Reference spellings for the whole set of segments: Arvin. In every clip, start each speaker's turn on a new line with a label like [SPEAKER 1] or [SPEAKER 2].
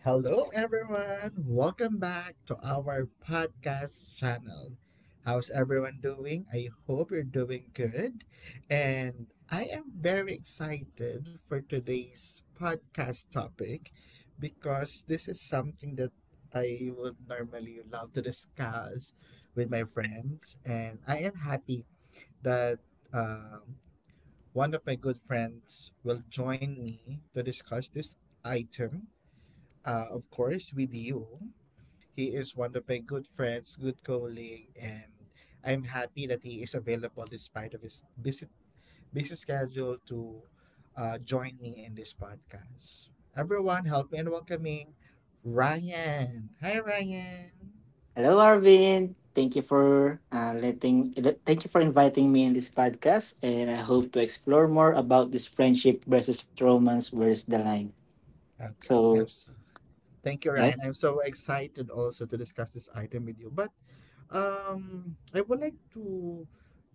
[SPEAKER 1] Hello, everyone. Welcome back to our podcast channel. How's everyone doing? I hope you're doing good. And I am very excited for today's podcast topic because this is something that I would normally love to discuss with my friends. And I am happy that um, one of my good friends will join me to discuss this item, of course, with you. He is one of my good friends, good colleague, and I'm happy that he is available despite of his busy, busy schedule to join me in this podcast. Everyone, help me in welcoming Ryan. Hi, Ryan.
[SPEAKER 2] Hello, Arvin. Thank you for letting. Thank you for inviting me in this podcast, and I hope to explore more about this friendship versus romance. Where's the line?
[SPEAKER 1] Okay,
[SPEAKER 2] So
[SPEAKER 1] I'm. S Thank you, Ryan.
[SPEAKER 2] yes.
[SPEAKER 1] I'm so excited also to discuss this item with you. But I would like to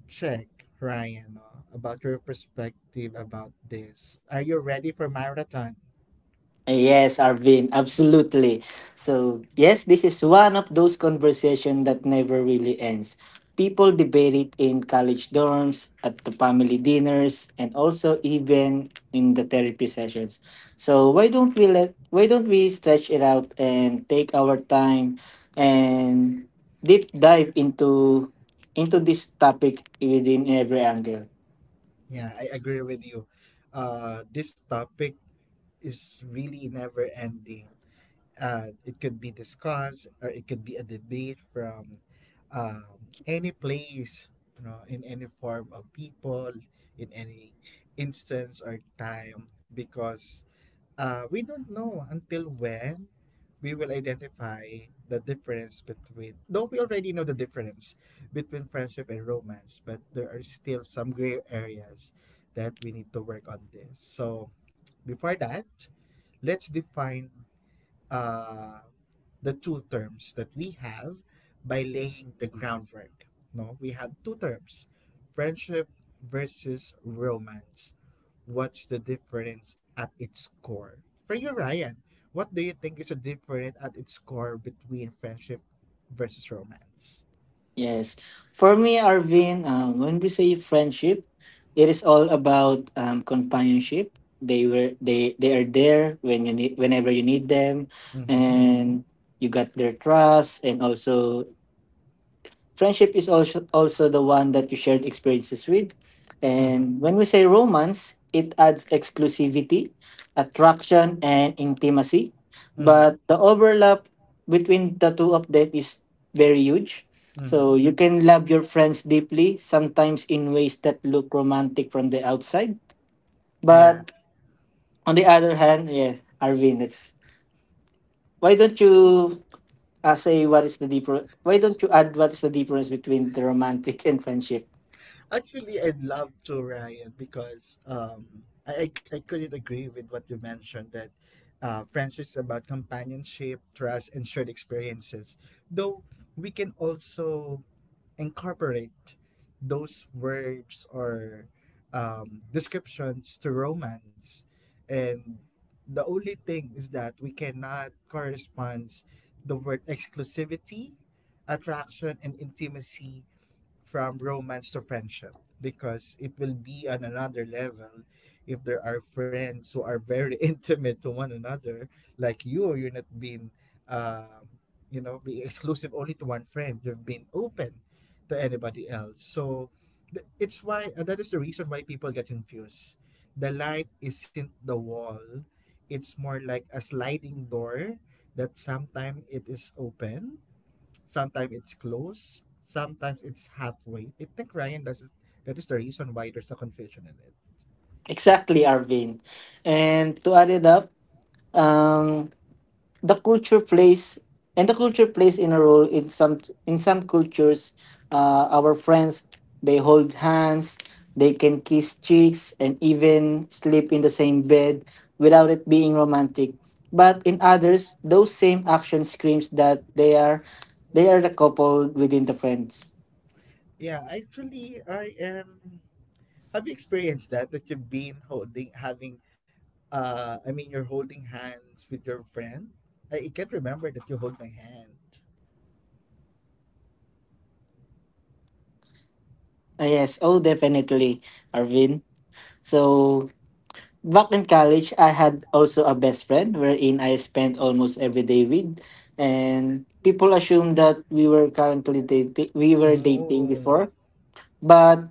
[SPEAKER 1] check, Ryan, about your perspective about this. Are you ready for marathon?
[SPEAKER 2] Yes, Arvin, absolutely. So, yes, this is one of those conversations that never really ends. People debate it in college dorms, at the family dinners, and also even in the therapy sessions. So, why don't we stretch it out and take our time and deep dive into this topic within every angle.
[SPEAKER 1] Yeah, I agree with you. This topic is really never ending. It could be discussed or it could be a debate from um, any place, in any form of people, in any instance or time, because we don't know until when we will identify the difference between, though we already know the difference between friendship and romance, but there are still some gray areas that we need to work on this. So, before that, let's define uh, the two terms that we have by laying the groundwork. No, we have two terms: friendship versus romance. What's the difference at its core? For you, Ryan, what do you think is the difference at its core between friendship versus romance?
[SPEAKER 2] Yes. For me, Arvin, when we say friendship, it is all about companionship. They were they are there whenever you need them,
[SPEAKER 1] Mm hmm.
[SPEAKER 2] and you got their trust, and also friendship is also the one that you shared experiences with.
[SPEAKER 1] Mm hmm.
[SPEAKER 2] And when we say romance, it adds exclusivity, attraction, and intimacy.
[SPEAKER 1] Mm hmm.
[SPEAKER 2] But the overlap between the two of them is very huge.
[SPEAKER 1] Mm
[SPEAKER 2] So
[SPEAKER 1] hmm.
[SPEAKER 2] you can love your friends deeply, sometimes in ways that look romantic from the outside.
[SPEAKER 1] Yeah.
[SPEAKER 2] But on the other hand, yeah, Arvin, it's why don't you say what is the deeper? Why don't you add what is the difference between the romantic and friendship?
[SPEAKER 1] Actually, I'd love to, Ryan, because I couldn't agree with what you mentioned that friendship is about companionship, trust, and shared experiences. Though we can also incorporate those words or descriptions to romance. And the only thing is that we cannot correspond the word exclusivity, attraction, and intimacy from romance to friendship because it will be on another level if there are friends who are very intimate to one another, like you're not being um, being exclusive only to one friend. You've been open to anybody else, so it's why, that is the reason why people get confused. The light isn't the wall, it's more like a sliding door. That sometimes it is open, sometimes it's close, sometimes it's halfway. I think Ryan does. That is the reason why there's a confusion in it.
[SPEAKER 2] Exactly, Arvin. And to add it up, um, the culture plays the culture plays in a role in some cultures. Our friends, they hold hands, they can kiss cheeks, and even sleep in the same bed without it being romantic. But in others, those same action screams that they are the couple within the friends.
[SPEAKER 1] Yeah, actually, I am. Have you experienced that? That you've been I mean, you're holding hands with your friend? I can't remember that you hold my hand.
[SPEAKER 2] Ah, yes, oh definitely, Arvin. So back in college, I had also a best friend wherein I spent almost every day with, and people assumed that we were currently dating. We were dating
[SPEAKER 1] Oh.
[SPEAKER 2] before, but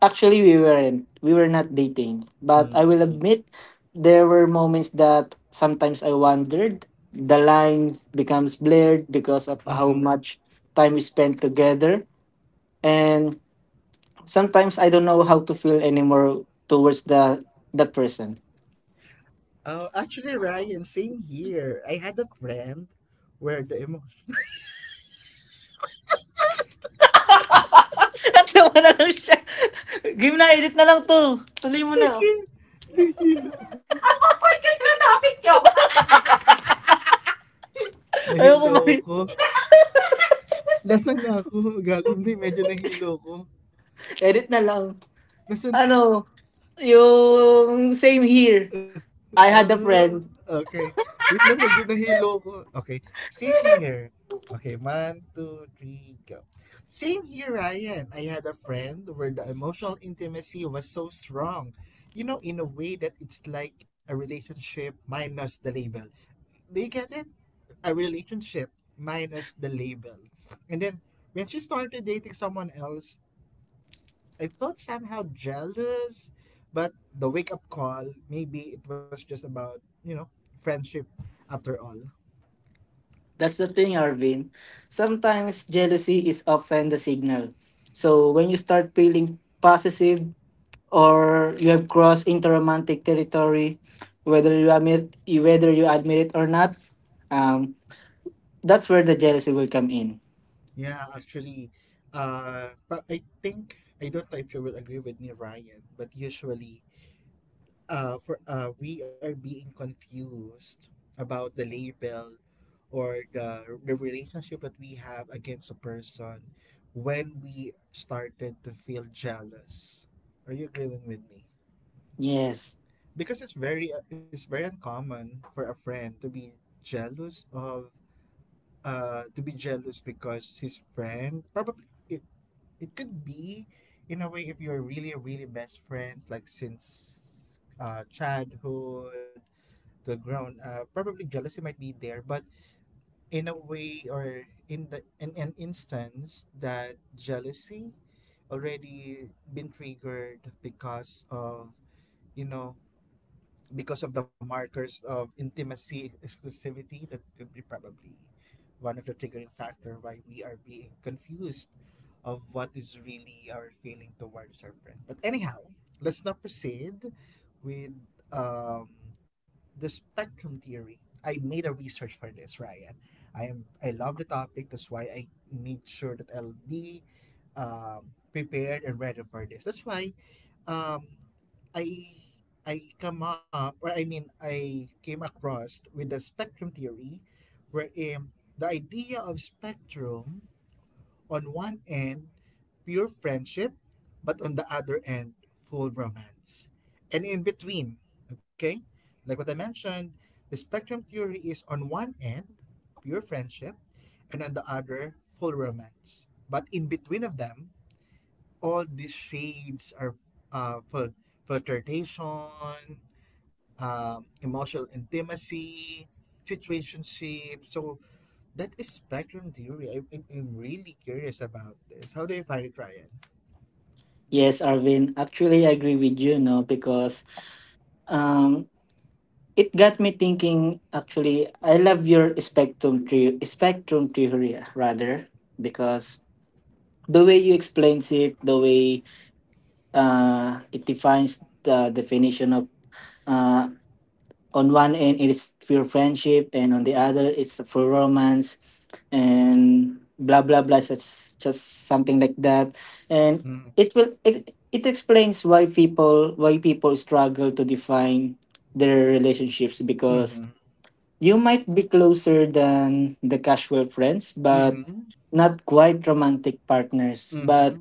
[SPEAKER 2] actually we weren't. We were not dating. But
[SPEAKER 1] Mm,
[SPEAKER 2] I will admit, there were moments that sometimes I wondered. The lines becomes blurred because of how
[SPEAKER 1] mm.
[SPEAKER 2] much time we spent together, and sometimes I don't know how to feel anymore towards the that person.
[SPEAKER 1] Oh, actually, Ryan, same here. I had a friend where the emotion.
[SPEAKER 2] Natawa na lang siya. Game na, edit na lang to. Tuloy mo na.
[SPEAKER 1] Okay, nahilo ko.
[SPEAKER 2] Podcast na topic nyo. Ayoko ko
[SPEAKER 1] Nahilo
[SPEAKER 2] mali.
[SPEAKER 1] ko. Lasang na ako. Gago, hindi. Medyo nahilo ko.
[SPEAKER 2] Edit na lang.
[SPEAKER 1] Lasang na ako.
[SPEAKER 2] Ano, yung same here. I had a
[SPEAKER 1] Ah,
[SPEAKER 2] friend.
[SPEAKER 1] okay. Wait lang, medyo nahilo ko. Okay. Same here. Okay, one, two, three, go. Same here, Ryan. I had a friend where the emotional intimacy was so strong. You know, in a way that it's like a relationship minus the label. Do you get it? A relationship minus the label. And then, when she started dating someone else, I felt somehow jealous, but the wake up call, maybe it was just about friendship after all.
[SPEAKER 2] That's the thing, Arvin. Sometimes jealousy is often the signal. So when you start feeling possessive or you have crossed into romantic territory, whether you admit it or not, um, that's where the jealousy will come in.
[SPEAKER 1] Yeah, actually, but I think, I don't know if you will agree with me, Ryan, but usually, we are being confused about the label or the relationship that we have against a person when we started to feel jealous. Are you agreeing with me?
[SPEAKER 2] Yes.
[SPEAKER 1] Because it's very uncommon for a friend to be jealous of to be jealous because his friend probably, it it could be, in a way, if you're really really best friends, like since childhood to grown up, probably jealousy might be there, but in a way or in the in an instance that jealousy already been triggered because of you know because of the markers of intimacy, exclusivity, that could be probably one of the triggering factor why we are being confused of what is really our feeling towards our friend. But anyhow, let's now proceed with um, the spectrum theory. I made a research for this, Ryan. I love the topic, that's why I made sure that I'll be um, prepared and ready for this. That's why um I I come up or I mean, I came across with the spectrum theory, wherein the idea of spectrum: on one end, pure friendship, but on the other end, full romance, and in between. Okay, like what I mentioned, the spectrum theory is on one end pure friendship and on the other full romance, but in between of them, all these shades are, uh, fil- flirtation, emotional intimacy, situationship. So that is spectrum theory. I'm really curious about this. How do you find it, Ryan?
[SPEAKER 2] Yes, Arvin. Actually, I agree with you, no, because um it got me thinking. Actually, I love your spectrum theory rather, because the way you explains it, the way it defines the definition of uh on one end it is pure friendship and on the other it's for romance, and blah blah blah, such just something like that. And
[SPEAKER 1] Mm,
[SPEAKER 2] it explains why people struggle to define their relationships,
[SPEAKER 1] mm-hmm.
[SPEAKER 2] because you might be closer than the casual friends but
[SPEAKER 1] Mm-hmm.
[SPEAKER 2] not quite romantic partners, but
[SPEAKER 1] Mm-hmm.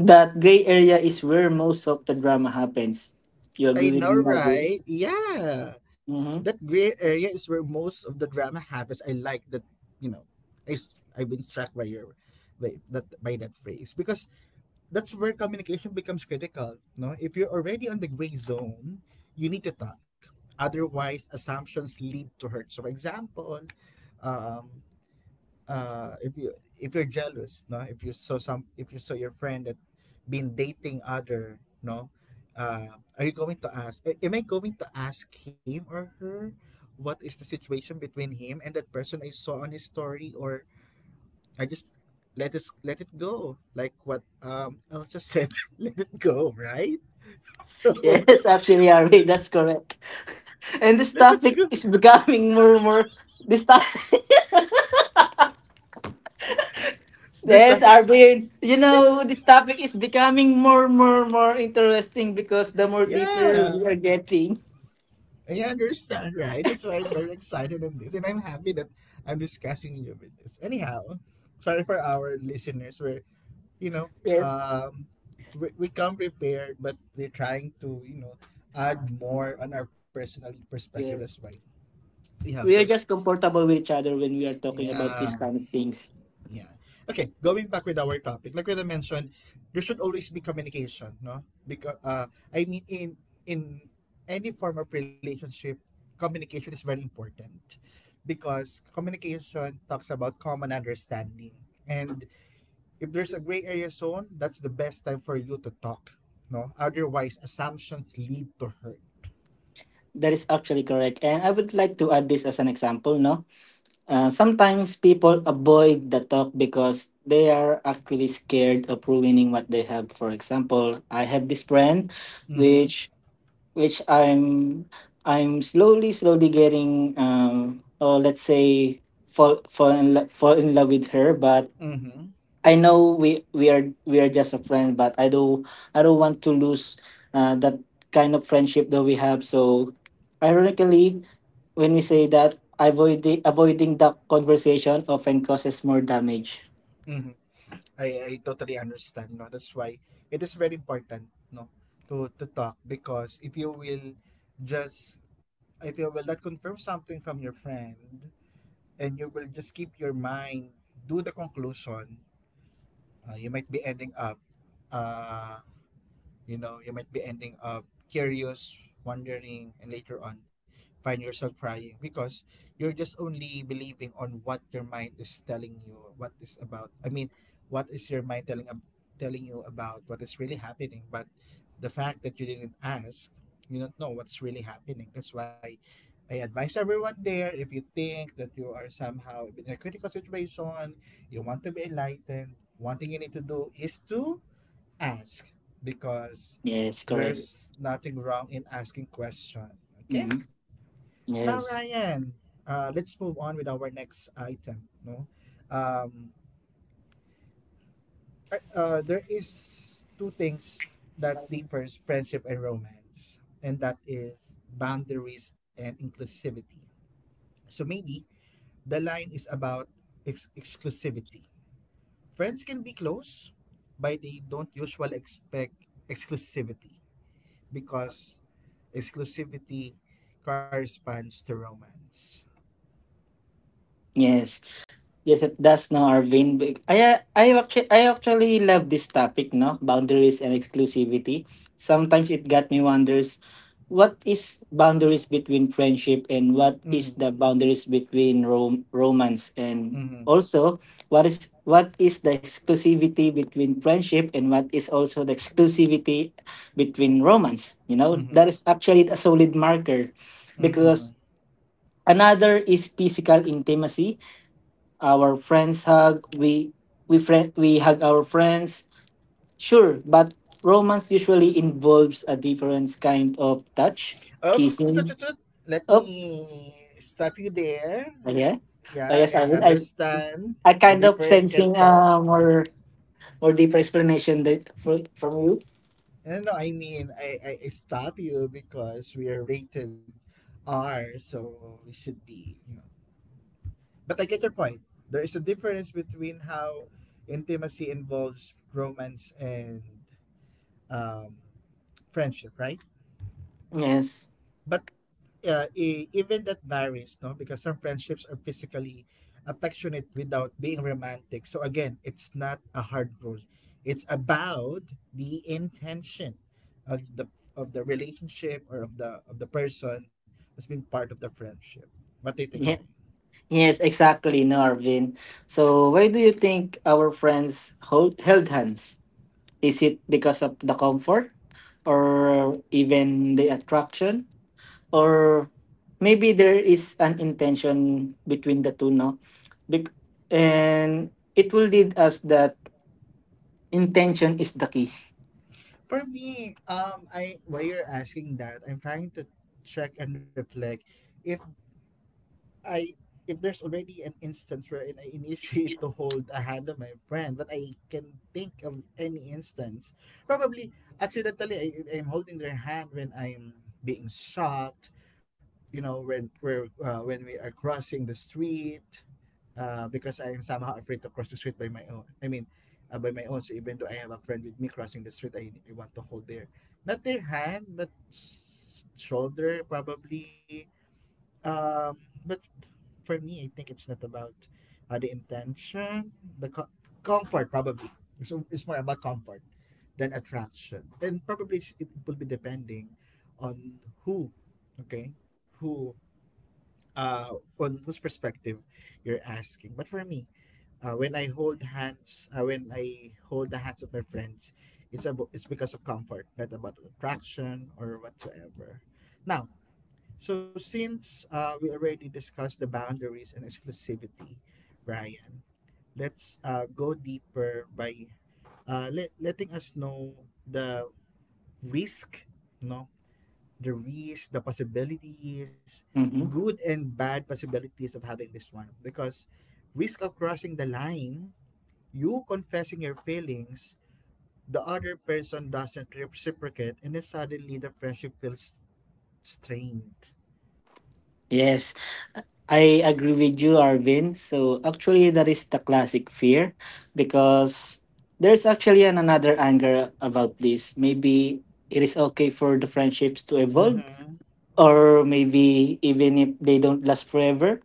[SPEAKER 2] that gray area is where most of the drama happens. You
[SPEAKER 1] I
[SPEAKER 2] agree with
[SPEAKER 1] know,
[SPEAKER 2] me, Arvin?
[SPEAKER 1] right? Yeah. That gray area is where most of the drama happens. I like that. you know, I've been struck by your by that phrase because that's where communication becomes critical. No, if you're already on the gray zone, you need to talk. Otherwise, assumptions lead to hurt. So, for example, um, if you're jealous, no, if you saw your friend that been dating other, no, uh, are you going to ask? Am I going to ask him or her what is the situation between him and that person I saw on his story, or I just let it go. Like what Elsa said, let it go, right? So
[SPEAKER 2] Yes, actually, Harvey, that's correct. And
[SPEAKER 1] let
[SPEAKER 2] this
[SPEAKER 1] it go.
[SPEAKER 2] topic is becoming more and more. This topic,
[SPEAKER 1] There's
[SPEAKER 2] yes,
[SPEAKER 1] something,
[SPEAKER 2] Arvin. You know, this topic is becoming more, more, more interesting because the more deeper
[SPEAKER 1] yeah.
[SPEAKER 2] we are getting.
[SPEAKER 1] I understand, right? That's why I'm very excited on this and I'm happy that I'm discussing you with this. Anyhow, sorry for our listeners. We're, you know,
[SPEAKER 2] Yes,
[SPEAKER 1] um we come prepared, but we're trying to add more on our personal perspective. That's well.
[SPEAKER 2] yes,
[SPEAKER 1] We have
[SPEAKER 2] we are
[SPEAKER 1] those,
[SPEAKER 2] just comfortable with each other when we are talking about
[SPEAKER 1] yeah.
[SPEAKER 2] these kind of things.
[SPEAKER 1] Yeah. Okay, going back with our topic, like what I mentioned, there should always be communication, no? Because I mean, in any form of relationship, communication is very important because communication talks about common understanding. And if there's a gray area zone, that's the best time for you to talk, no? Otherwise, assumptions lead to hurt.
[SPEAKER 2] That is actually correct. And I would like to add this as an example, no? Sometimes people avoid the talk because they are actually scared of ruining what they have. For example, I have this friend,
[SPEAKER 1] Mhm.
[SPEAKER 2] which which I'm slowly getting, or let's say, fall in love with her, but
[SPEAKER 1] Mhm.
[SPEAKER 2] I know we are just a friend, but I don't want to lose that kind of friendship that we have. So, ironically, when we say that, avoiding that conversation often causes more damage.
[SPEAKER 1] Mhm. I totally understand, no, that's why it is very important, no, to talk. Because just if you will not confirm something from your friend and you will just keep your mind, do the conclusion, you might be ending up, uh you know, you might be ending up curious, wondering, and later on find yourself crying because you're just only believing on what your mind is telling you, what is about. I mean, what is your mind telling you about what is really happening, but the fact that you didn't ask, you don't know what's really happening. That's why I advise everyone there, if you think that you are somehow in a critical situation, you want to be enlightened, one thing you need to do is to ask, because
[SPEAKER 2] Yes, correct.
[SPEAKER 1] there's nothing wrong in asking question. Okay.
[SPEAKER 2] Hmm.
[SPEAKER 1] Now,
[SPEAKER 2] Yes.
[SPEAKER 1] Ryan, let's move on with our next item. No, um, there is two things that differs friendship and romance, and that is boundaries and inclusivity. So maybe the line is about exclusivity. Friends can be close, but they don't usually expect exclusivity, because exclusivity corresponds to romance.
[SPEAKER 2] Yes. Yes, at that's no, Arvin. I actually love this topic, no? Boundaries and exclusivity. Sometimes it got me wonders, what is boundaries between friendship and what
[SPEAKER 1] Mm-hmm.
[SPEAKER 2] is the boundaries between romance, and
[SPEAKER 1] Mm-hmm.
[SPEAKER 2] also what is the exclusivity between friendship and what is also the exclusivity between romance? You know,
[SPEAKER 1] Mm-hmm.
[SPEAKER 2] that is actually a solid marker,
[SPEAKER 1] Mm-hmm.
[SPEAKER 2] because another is physical intimacy. Our friends hug. We hug our friends. Sure, but romance usually involves a different kind of touch,
[SPEAKER 1] Oops, tut, tut,
[SPEAKER 2] kissing.
[SPEAKER 1] tut. Let
[SPEAKER 2] Oh,
[SPEAKER 1] me stop you there.
[SPEAKER 2] oh, yeah. Oh,
[SPEAKER 1] Yeah,
[SPEAKER 2] yes, I
[SPEAKER 1] I
[SPEAKER 2] mean, I
[SPEAKER 1] understand
[SPEAKER 2] I
[SPEAKER 1] the
[SPEAKER 2] kind of
[SPEAKER 1] different kind of
[SPEAKER 2] sensing a more deeper explanation, from you.
[SPEAKER 1] no, no, I mean, I stop you because we are rated R, so we should be. But I get your point. There is a difference between how intimacy involves romance and, um, friendship, right?
[SPEAKER 2] Yes.
[SPEAKER 1] But even that varies, no? Because some friendships are physically affectionate without being romantic. So again, it's not a hard rule. It's about the intention of the relationship or of the person who's been part of the friendship. What do you think, Ryan?
[SPEAKER 2] Yeah. Yes, exactly, Narvin. So, why do you think our friends hold held hands? Is it because of the comfort or even the attraction? Or maybe there is an intention between the two, no? Bec- and it will lead us that intention is the key.
[SPEAKER 1] For me, I while you're asking that, I'm trying to check and reflect if I if there's already an instance wherein I initiate to hold a hand of my friend, but I can think of any instance. Probably accidentally, I'm holding their hand when I'm being shocked. You know, when we're when we are crossing the street, because I'm somehow afraid to cross the street by my own. I mean, by my own. So even though I have a friend with me crossing the street, I want to hold their, not their hand, but shoulder, probably. um, but for me, I think it's not about, the intention, the comfort, probably. So it's more about comfort than attraction, and probably it will be depending on who, okay, who, uh, on whose perspective you're asking. But for me, when I hold hands, when I hold the hands of my friends, it's because of comfort, not about attraction or whatsoever. Now, so, since we already discussed the boundaries and exclusivity, Ryan, let's go deeper by letting us know the risk, no, the risk, the possibilities,
[SPEAKER 2] Mhm.
[SPEAKER 1] good and bad possibilities of having this one. Because risk of crossing the line, you confessing your feelings, the other person doesn't reciprocate, and then suddenly the friendship feels strained.
[SPEAKER 2] Yes, I agree with you, Arvin. So actually, that is the classic fear, because there's actually an another anger about this. Maybe it is okay for the friendships to evolve,
[SPEAKER 1] Mm-hmm.
[SPEAKER 2] or maybe even if they don't last forever,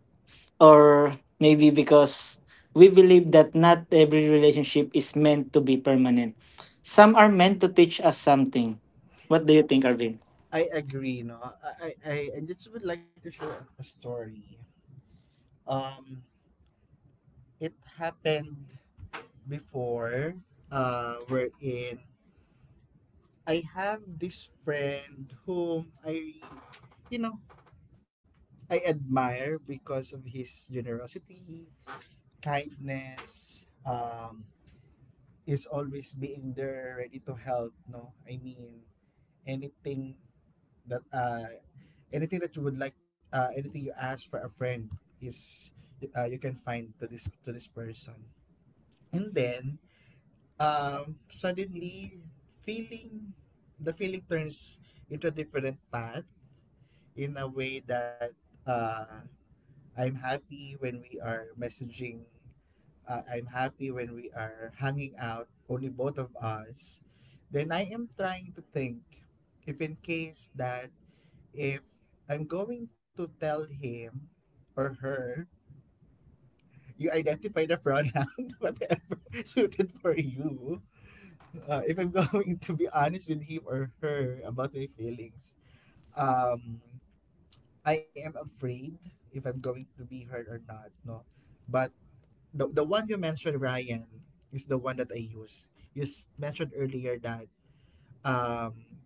[SPEAKER 2] or maybe because we believe that not every relationship is meant to be permanent. Some are meant to teach us something. What do you think, Arvin?
[SPEAKER 1] I agree, no. I just would like to share a story. Um, it happened before, wherein I have this friend whom you know, I admire because of his generosity, kindness, is always being there, ready to help, no. I mean, anything that anything that you would like anything you ask for a friend is you can find to this person, and then suddenly feeling the feeling turns into a different path in a way that uh, I'm happy when we are messaging, I'm happy when we are hanging out only both of us. Then I am trying to think if in case that, if I'm going to tell him or her, you identify the pronoun, whatever suited for you. If I'm going to be honest with him or her about my feelings, um, I am afraid if I'm going to be hurt or not, no? But the one you mentioned, Ryan, is the one that I use. You mentioned earlier that um,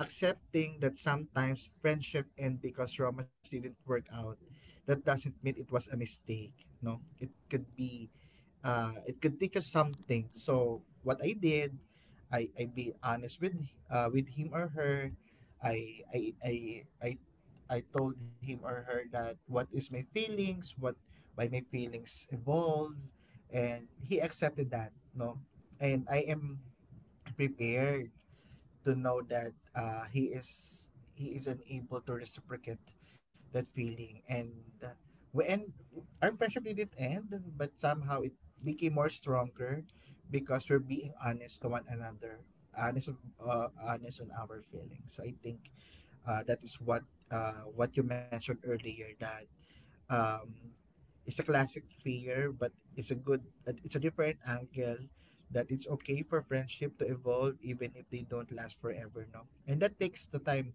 [SPEAKER 1] accepting that sometimes friendship end because romance didn't work out, that doesn't mean it was a mistake. No, it could be, it could teach us something. So what I did, I be honest with him or her. i i i i, I told him or her that what is my feelings, what, why my feelings evolve, and he accepted that, no. And I am prepared to know that he isn't able to reciprocate that feeling, and uh, we and our friendship didn't end, but somehow it became more stronger because we're being honest to one another, honest, honest on our feelings. So I think that is what you mentioned earlier, that um, it's a classic fear, but it's a good, it's a different angle, that it's okay for friendship to evolve even if they don't last forever, no? And that takes the time,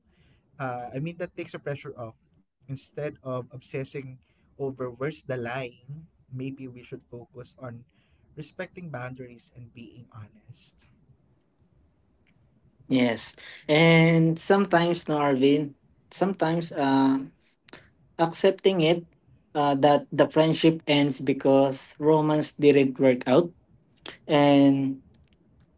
[SPEAKER 1] that takes the pressure off. Instead of obsessing over where's the line, maybe we should focus on respecting boundaries and being honest.
[SPEAKER 2] Yes. And sometimes, no, Arvin, sometimes accepting it, that the friendship ends because romance didn't work out. And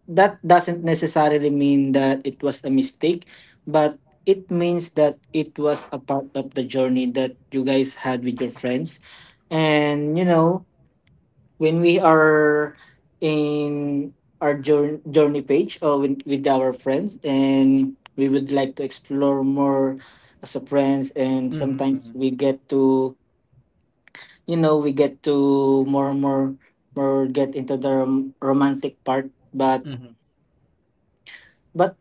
[SPEAKER 2] that doesn't necessarily mean that it was a mistake, but it means that it was a part of the journey that you guys had with your friends. And you know, when we are in our journey page, or with our friends, and we would like to explore more as a friends, and
[SPEAKER 1] Mm-hmm.
[SPEAKER 2] sometimes we get to more and more, more get into the romantic part, but
[SPEAKER 1] Mm-hmm.
[SPEAKER 2] but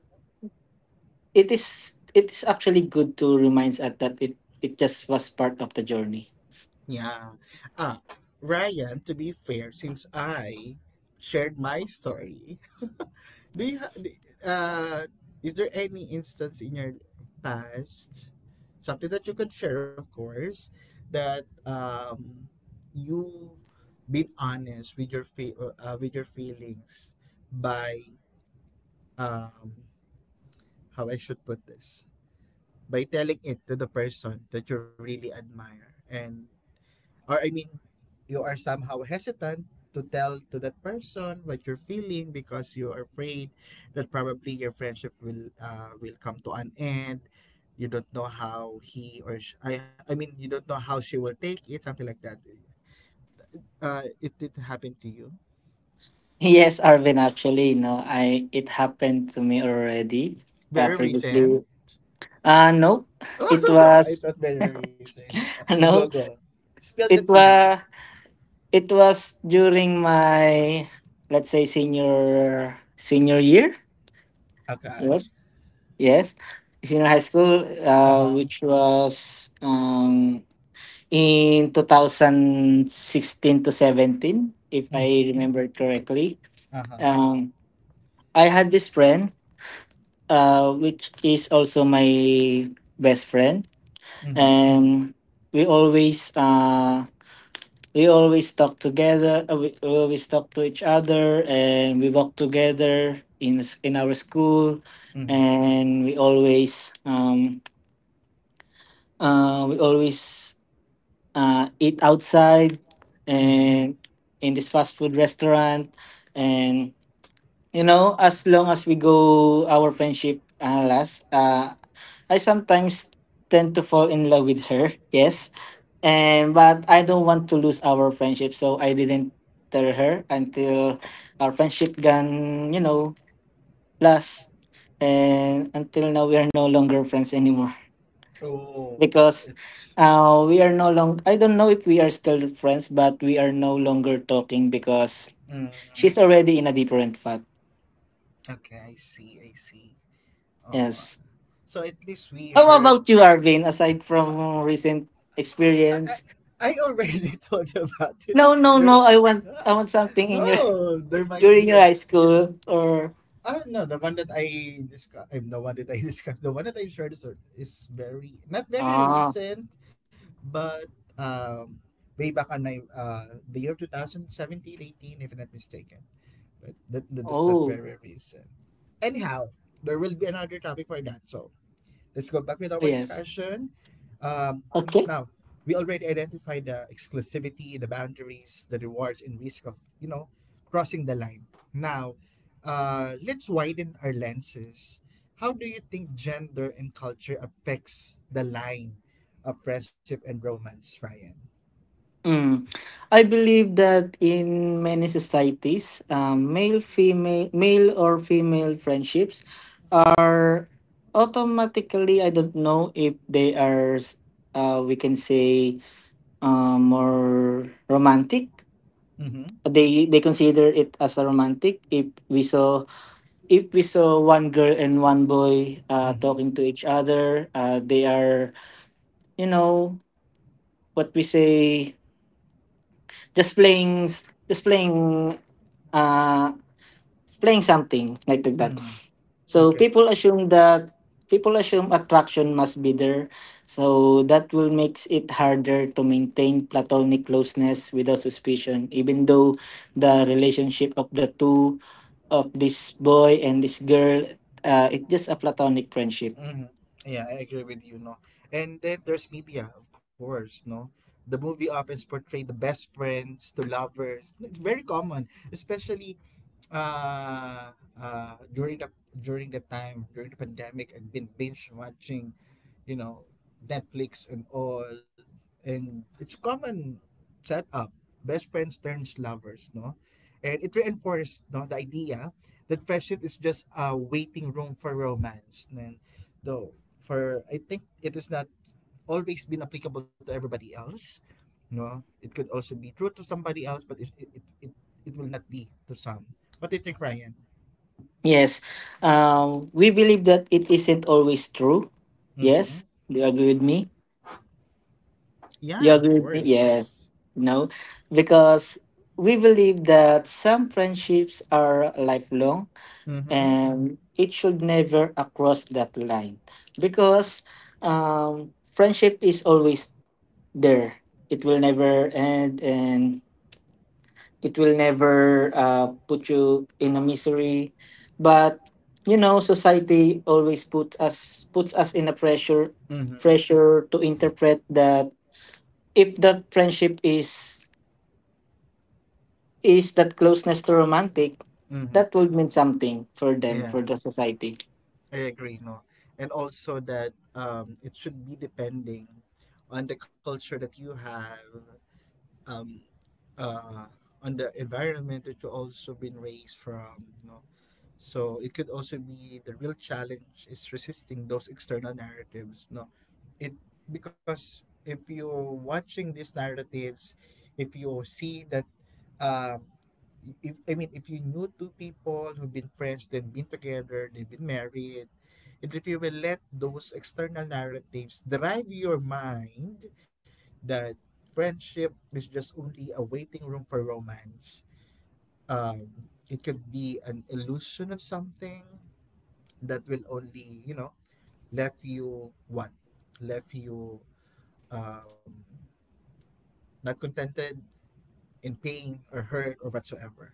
[SPEAKER 2] it's actually good to remind us that it just was part of the journey.
[SPEAKER 1] Yeah. Ah, Ryan, to be fair, since I shared my story, Do you ha- d- uh is there any instance in your past, something that you could share, of course, that you been honest with your with your feelings, by um how I should put this, by telling it to the person that you really admire and, or I mean, you are somehow hesitant to tell to that person what you're feeling because you are afraid that probably your friendship will come to an end. You don't know how he or sh- I mean you don't know how she will take it, something like that. It did happen to you.
[SPEAKER 2] Yes, Arvin. Actually, no, I it happened to me already,
[SPEAKER 1] Very
[SPEAKER 2] previously.
[SPEAKER 1] recent.
[SPEAKER 2] No, it
[SPEAKER 1] I
[SPEAKER 2] was,
[SPEAKER 1] thought very recent. Go
[SPEAKER 2] no,
[SPEAKER 1] go. Spill the
[SPEAKER 2] it
[SPEAKER 1] tea.
[SPEAKER 2] was it was during my, let's say, senior year.
[SPEAKER 1] Okay.
[SPEAKER 2] Yes, yes, senior high school.
[SPEAKER 1] Uh
[SPEAKER 2] Uh,
[SPEAKER 1] huh.
[SPEAKER 2] which was in 2016 to 17, if
[SPEAKER 1] Mm
[SPEAKER 2] I
[SPEAKER 1] hmm.
[SPEAKER 2] remember correctly.
[SPEAKER 1] Uh huh.
[SPEAKER 2] Um, i had this friend, which is also my best friend,
[SPEAKER 1] Mm hmm.
[SPEAKER 2] and we always uh, we always talk together, we always talk to each other, and we walk together in our school,
[SPEAKER 1] Mm
[SPEAKER 2] and we always eat outside,
[SPEAKER 1] hmm. Hmm.
[SPEAKER 2] and in this fast food restaurant. And you know, as long as we go, our friendship lasts. I sometimes tend to fall in love with her. Yes. And but I don't want to lose our friendship, so I didn't tell her, until our friendship gone, last. And until now we are no longer friends anymore,
[SPEAKER 1] Oh,
[SPEAKER 2] because
[SPEAKER 1] it's
[SPEAKER 2] we are no longer, I don't know if we are still friends, but we are no longer talking because
[SPEAKER 1] Mm,
[SPEAKER 2] she's already in a different path.
[SPEAKER 1] okay, I see, I see. Oh,
[SPEAKER 2] Yes.
[SPEAKER 1] so at least we
[SPEAKER 2] How
[SPEAKER 1] heard.
[SPEAKER 2] about you, Arvin? Aside from recent
[SPEAKER 1] I,
[SPEAKER 2] experience,
[SPEAKER 1] I, I already told you about it.
[SPEAKER 2] no, no,
[SPEAKER 1] There,
[SPEAKER 2] no. I want,
[SPEAKER 1] ah,
[SPEAKER 2] something in your,
[SPEAKER 1] no, there might
[SPEAKER 2] during
[SPEAKER 1] be
[SPEAKER 2] your
[SPEAKER 1] an.
[SPEAKER 2] high school or
[SPEAKER 1] Ah, no, the one that I discuss, I'm the one that I discussed. The one that I shared is very not very
[SPEAKER 2] ah,
[SPEAKER 1] recent, but way back on my the year of 2017, if I'm not mistaken. But that's not
[SPEAKER 2] oh,
[SPEAKER 1] very recent. Anyhow, there will be another topic for that. So let's go back with our
[SPEAKER 2] yes,
[SPEAKER 1] discussion.
[SPEAKER 2] okay.
[SPEAKER 1] Now, we already identified the exclusivity, the boundaries, the rewards, and risk of, you know, crossing the line. Now, let's widen our lenses. How do you think gender and culture affects the line of friendship and romance, Ryan?
[SPEAKER 2] Mm. I believe that in many societies, male or female friendships are automatically, I don't know if they are we can say, more romantic.
[SPEAKER 1] Mm-hmm.
[SPEAKER 2] They consider it as a romantic if we saw one girl and one boy
[SPEAKER 1] Mm-hmm.
[SPEAKER 2] talking to each other. They are, you know, what we say, just playing, just uh playing something like that.
[SPEAKER 1] Mm-hmm.
[SPEAKER 2] So
[SPEAKER 1] Okay.
[SPEAKER 2] people assume that, people assume attraction must be there, so that will makes it harder to maintain platonic closeness without suspicion, even though the relationship of the two, of this boy and this girl, it's just a platonic friendship.
[SPEAKER 1] Mm-hmm. Yeah, I agree with you, no. And then there's media, of course, no. The movie often portray the best friends to lovers. It's very common, especially uh, uh, during the during the pandemic I've been binge watching, you know, Netflix and all, and it's a common setup. Best friends turns lovers, no, and it reinforced no the idea that friendship is just a waiting room for romance, and though for I think it is not always been applicable to everybody else, no, it could also be true to somebody else, but will not be to some. What do you think, Ryan?
[SPEAKER 2] Yes. We believe that it isn't always true.
[SPEAKER 1] Mm-hmm.
[SPEAKER 2] Yes, do you agree with me?
[SPEAKER 1] Yeah, of
[SPEAKER 2] You agree with me?
[SPEAKER 1] course.
[SPEAKER 2] Yes. No. Because we believe that some friendships are lifelong
[SPEAKER 1] Mm-hmm.
[SPEAKER 2] and it should never cross that line. Because friendship is always there. It will never end and it will never put you in a misery. But you know, society always puts us in a pressure
[SPEAKER 1] Mm-hmm.
[SPEAKER 2] pressure to interpret that, if that friendship is that closeness to romantic,
[SPEAKER 1] Mm-hmm.
[SPEAKER 2] that would mean something for them,
[SPEAKER 1] Yeah,
[SPEAKER 2] for the society.
[SPEAKER 1] I agree. No, and also that it should be depending on the culture that you have, um, uh, on the environment that you also been raised from. You know, so it could also be, the real challenge is resisting those external narratives. No, it, because if you're watching these narratives, if you see that, um, if you knew two people who've been friends, they've been together, they've been married, and if you will let those external narratives drive your mind, that friendship is just only a waiting room for romance, um, it could be an illusion of something that will only, you know, left you what left you um, not contented, in pain or hurt or whatsoever.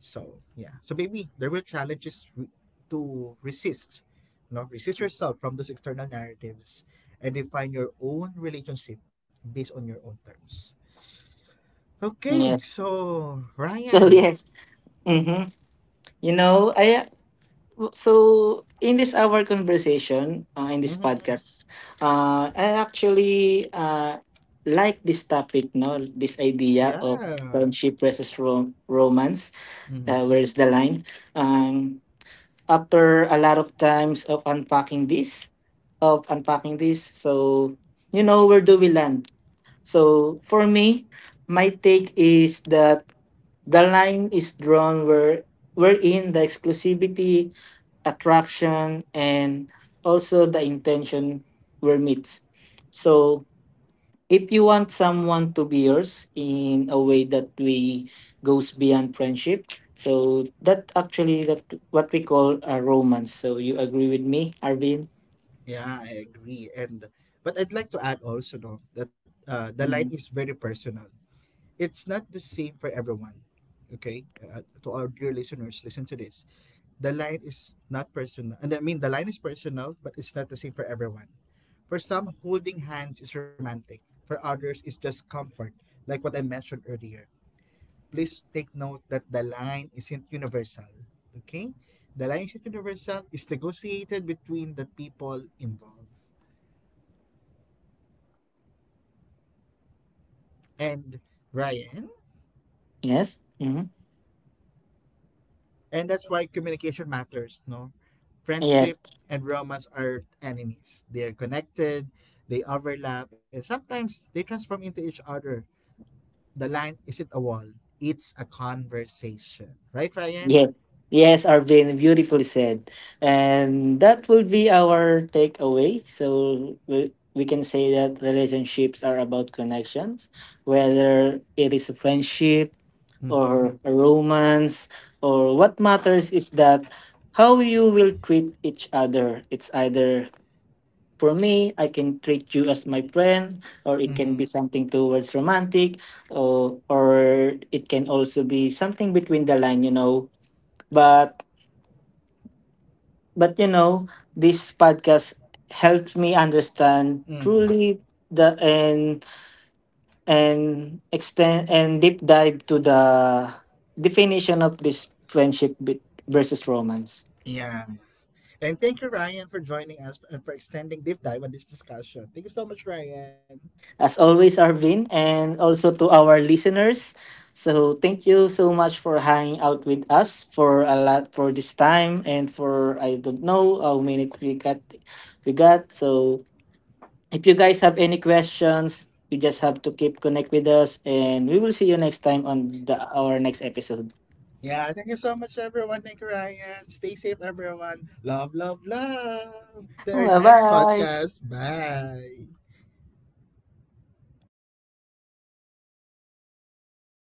[SPEAKER 1] So yeah, so maybe there were to resist, you know, resist yourself from those external narratives and define your own relationship based on your own terms. Okay,
[SPEAKER 2] Yes.
[SPEAKER 1] so
[SPEAKER 2] So
[SPEAKER 1] Ryan.
[SPEAKER 2] yes. Mm-hmm. You know, I, so in this our conversation, in this
[SPEAKER 1] Hmm.
[SPEAKER 2] podcast, I actually, like this topic, no, this idea of
[SPEAKER 1] Yeah.
[SPEAKER 2] friendship versus romance,
[SPEAKER 1] Mhm.
[SPEAKER 2] where's the line, um, after a lot of times of unpacking this. So you know, where do we land? So for me, my take is that the line is drawn wherein the exclusivity, attraction, and also the intention were meets. So if you want someone to be yours in a way that we goes beyond friendship, so that actually that what we call a romance. So you agree with me, Arvin?
[SPEAKER 1] Yeah, I agree. And but I'd like to add also though that the line is
[SPEAKER 2] Mhm.
[SPEAKER 1] very personal. It's not the same for everyone. Okay, to our dear listeners, listen to this. The line is not personal, and I mean the line is personal, but it's not the same for everyone. For some, holding hands is romantic. For others, it's just comfort, like what I mentioned earlier. Please take note that the line isn't universal. Okay, the line isn't universal. It's negotiated between the people involved. And Ryan.
[SPEAKER 2] Yes. Hmm.
[SPEAKER 1] And that's why communication matters, no?
[SPEAKER 2] Yes.
[SPEAKER 1] Friendship and romance are enemies. They're connected, they overlap, and sometimes they transform into each other. The line isn't a wall, it's a conversation. Right, Ryan?
[SPEAKER 2] Yes, yes, Arvin, beautifully said. And that would be our takeaway. So we can say that relationships are about connections, whether it is a friendship
[SPEAKER 1] Mm-hmm.
[SPEAKER 2] or a romance, or what matters is that how you will treat each other. It's either, for me, I can treat you as my friend, or it
[SPEAKER 1] Mm-hmm.
[SPEAKER 2] can be something towards romantic, or it can also be something between the line. But But you know, this podcast helped me understand
[SPEAKER 1] Mm-hmm.
[SPEAKER 2] truly the and extend and deep dive to the definition of this friendship versus romance.
[SPEAKER 1] Yeah. And thank you, Ryan, for joining us and for extending deep dive on this discussion. Thank you so much, Ryan.
[SPEAKER 2] As always, Arvin, and also to our listeners. So thank you so much for hanging out with us for a lot for this time and for, I don't know how many we got. So if you guys have any questions, you just have to keep connect with us and we will see you next time on the our next episode.
[SPEAKER 1] Yeah, thank you so much, everyone. Thank you, Ryan. Stay safe, everyone. Love, love, love. To our next
[SPEAKER 2] Bye-bye.
[SPEAKER 1] podcast. Bye.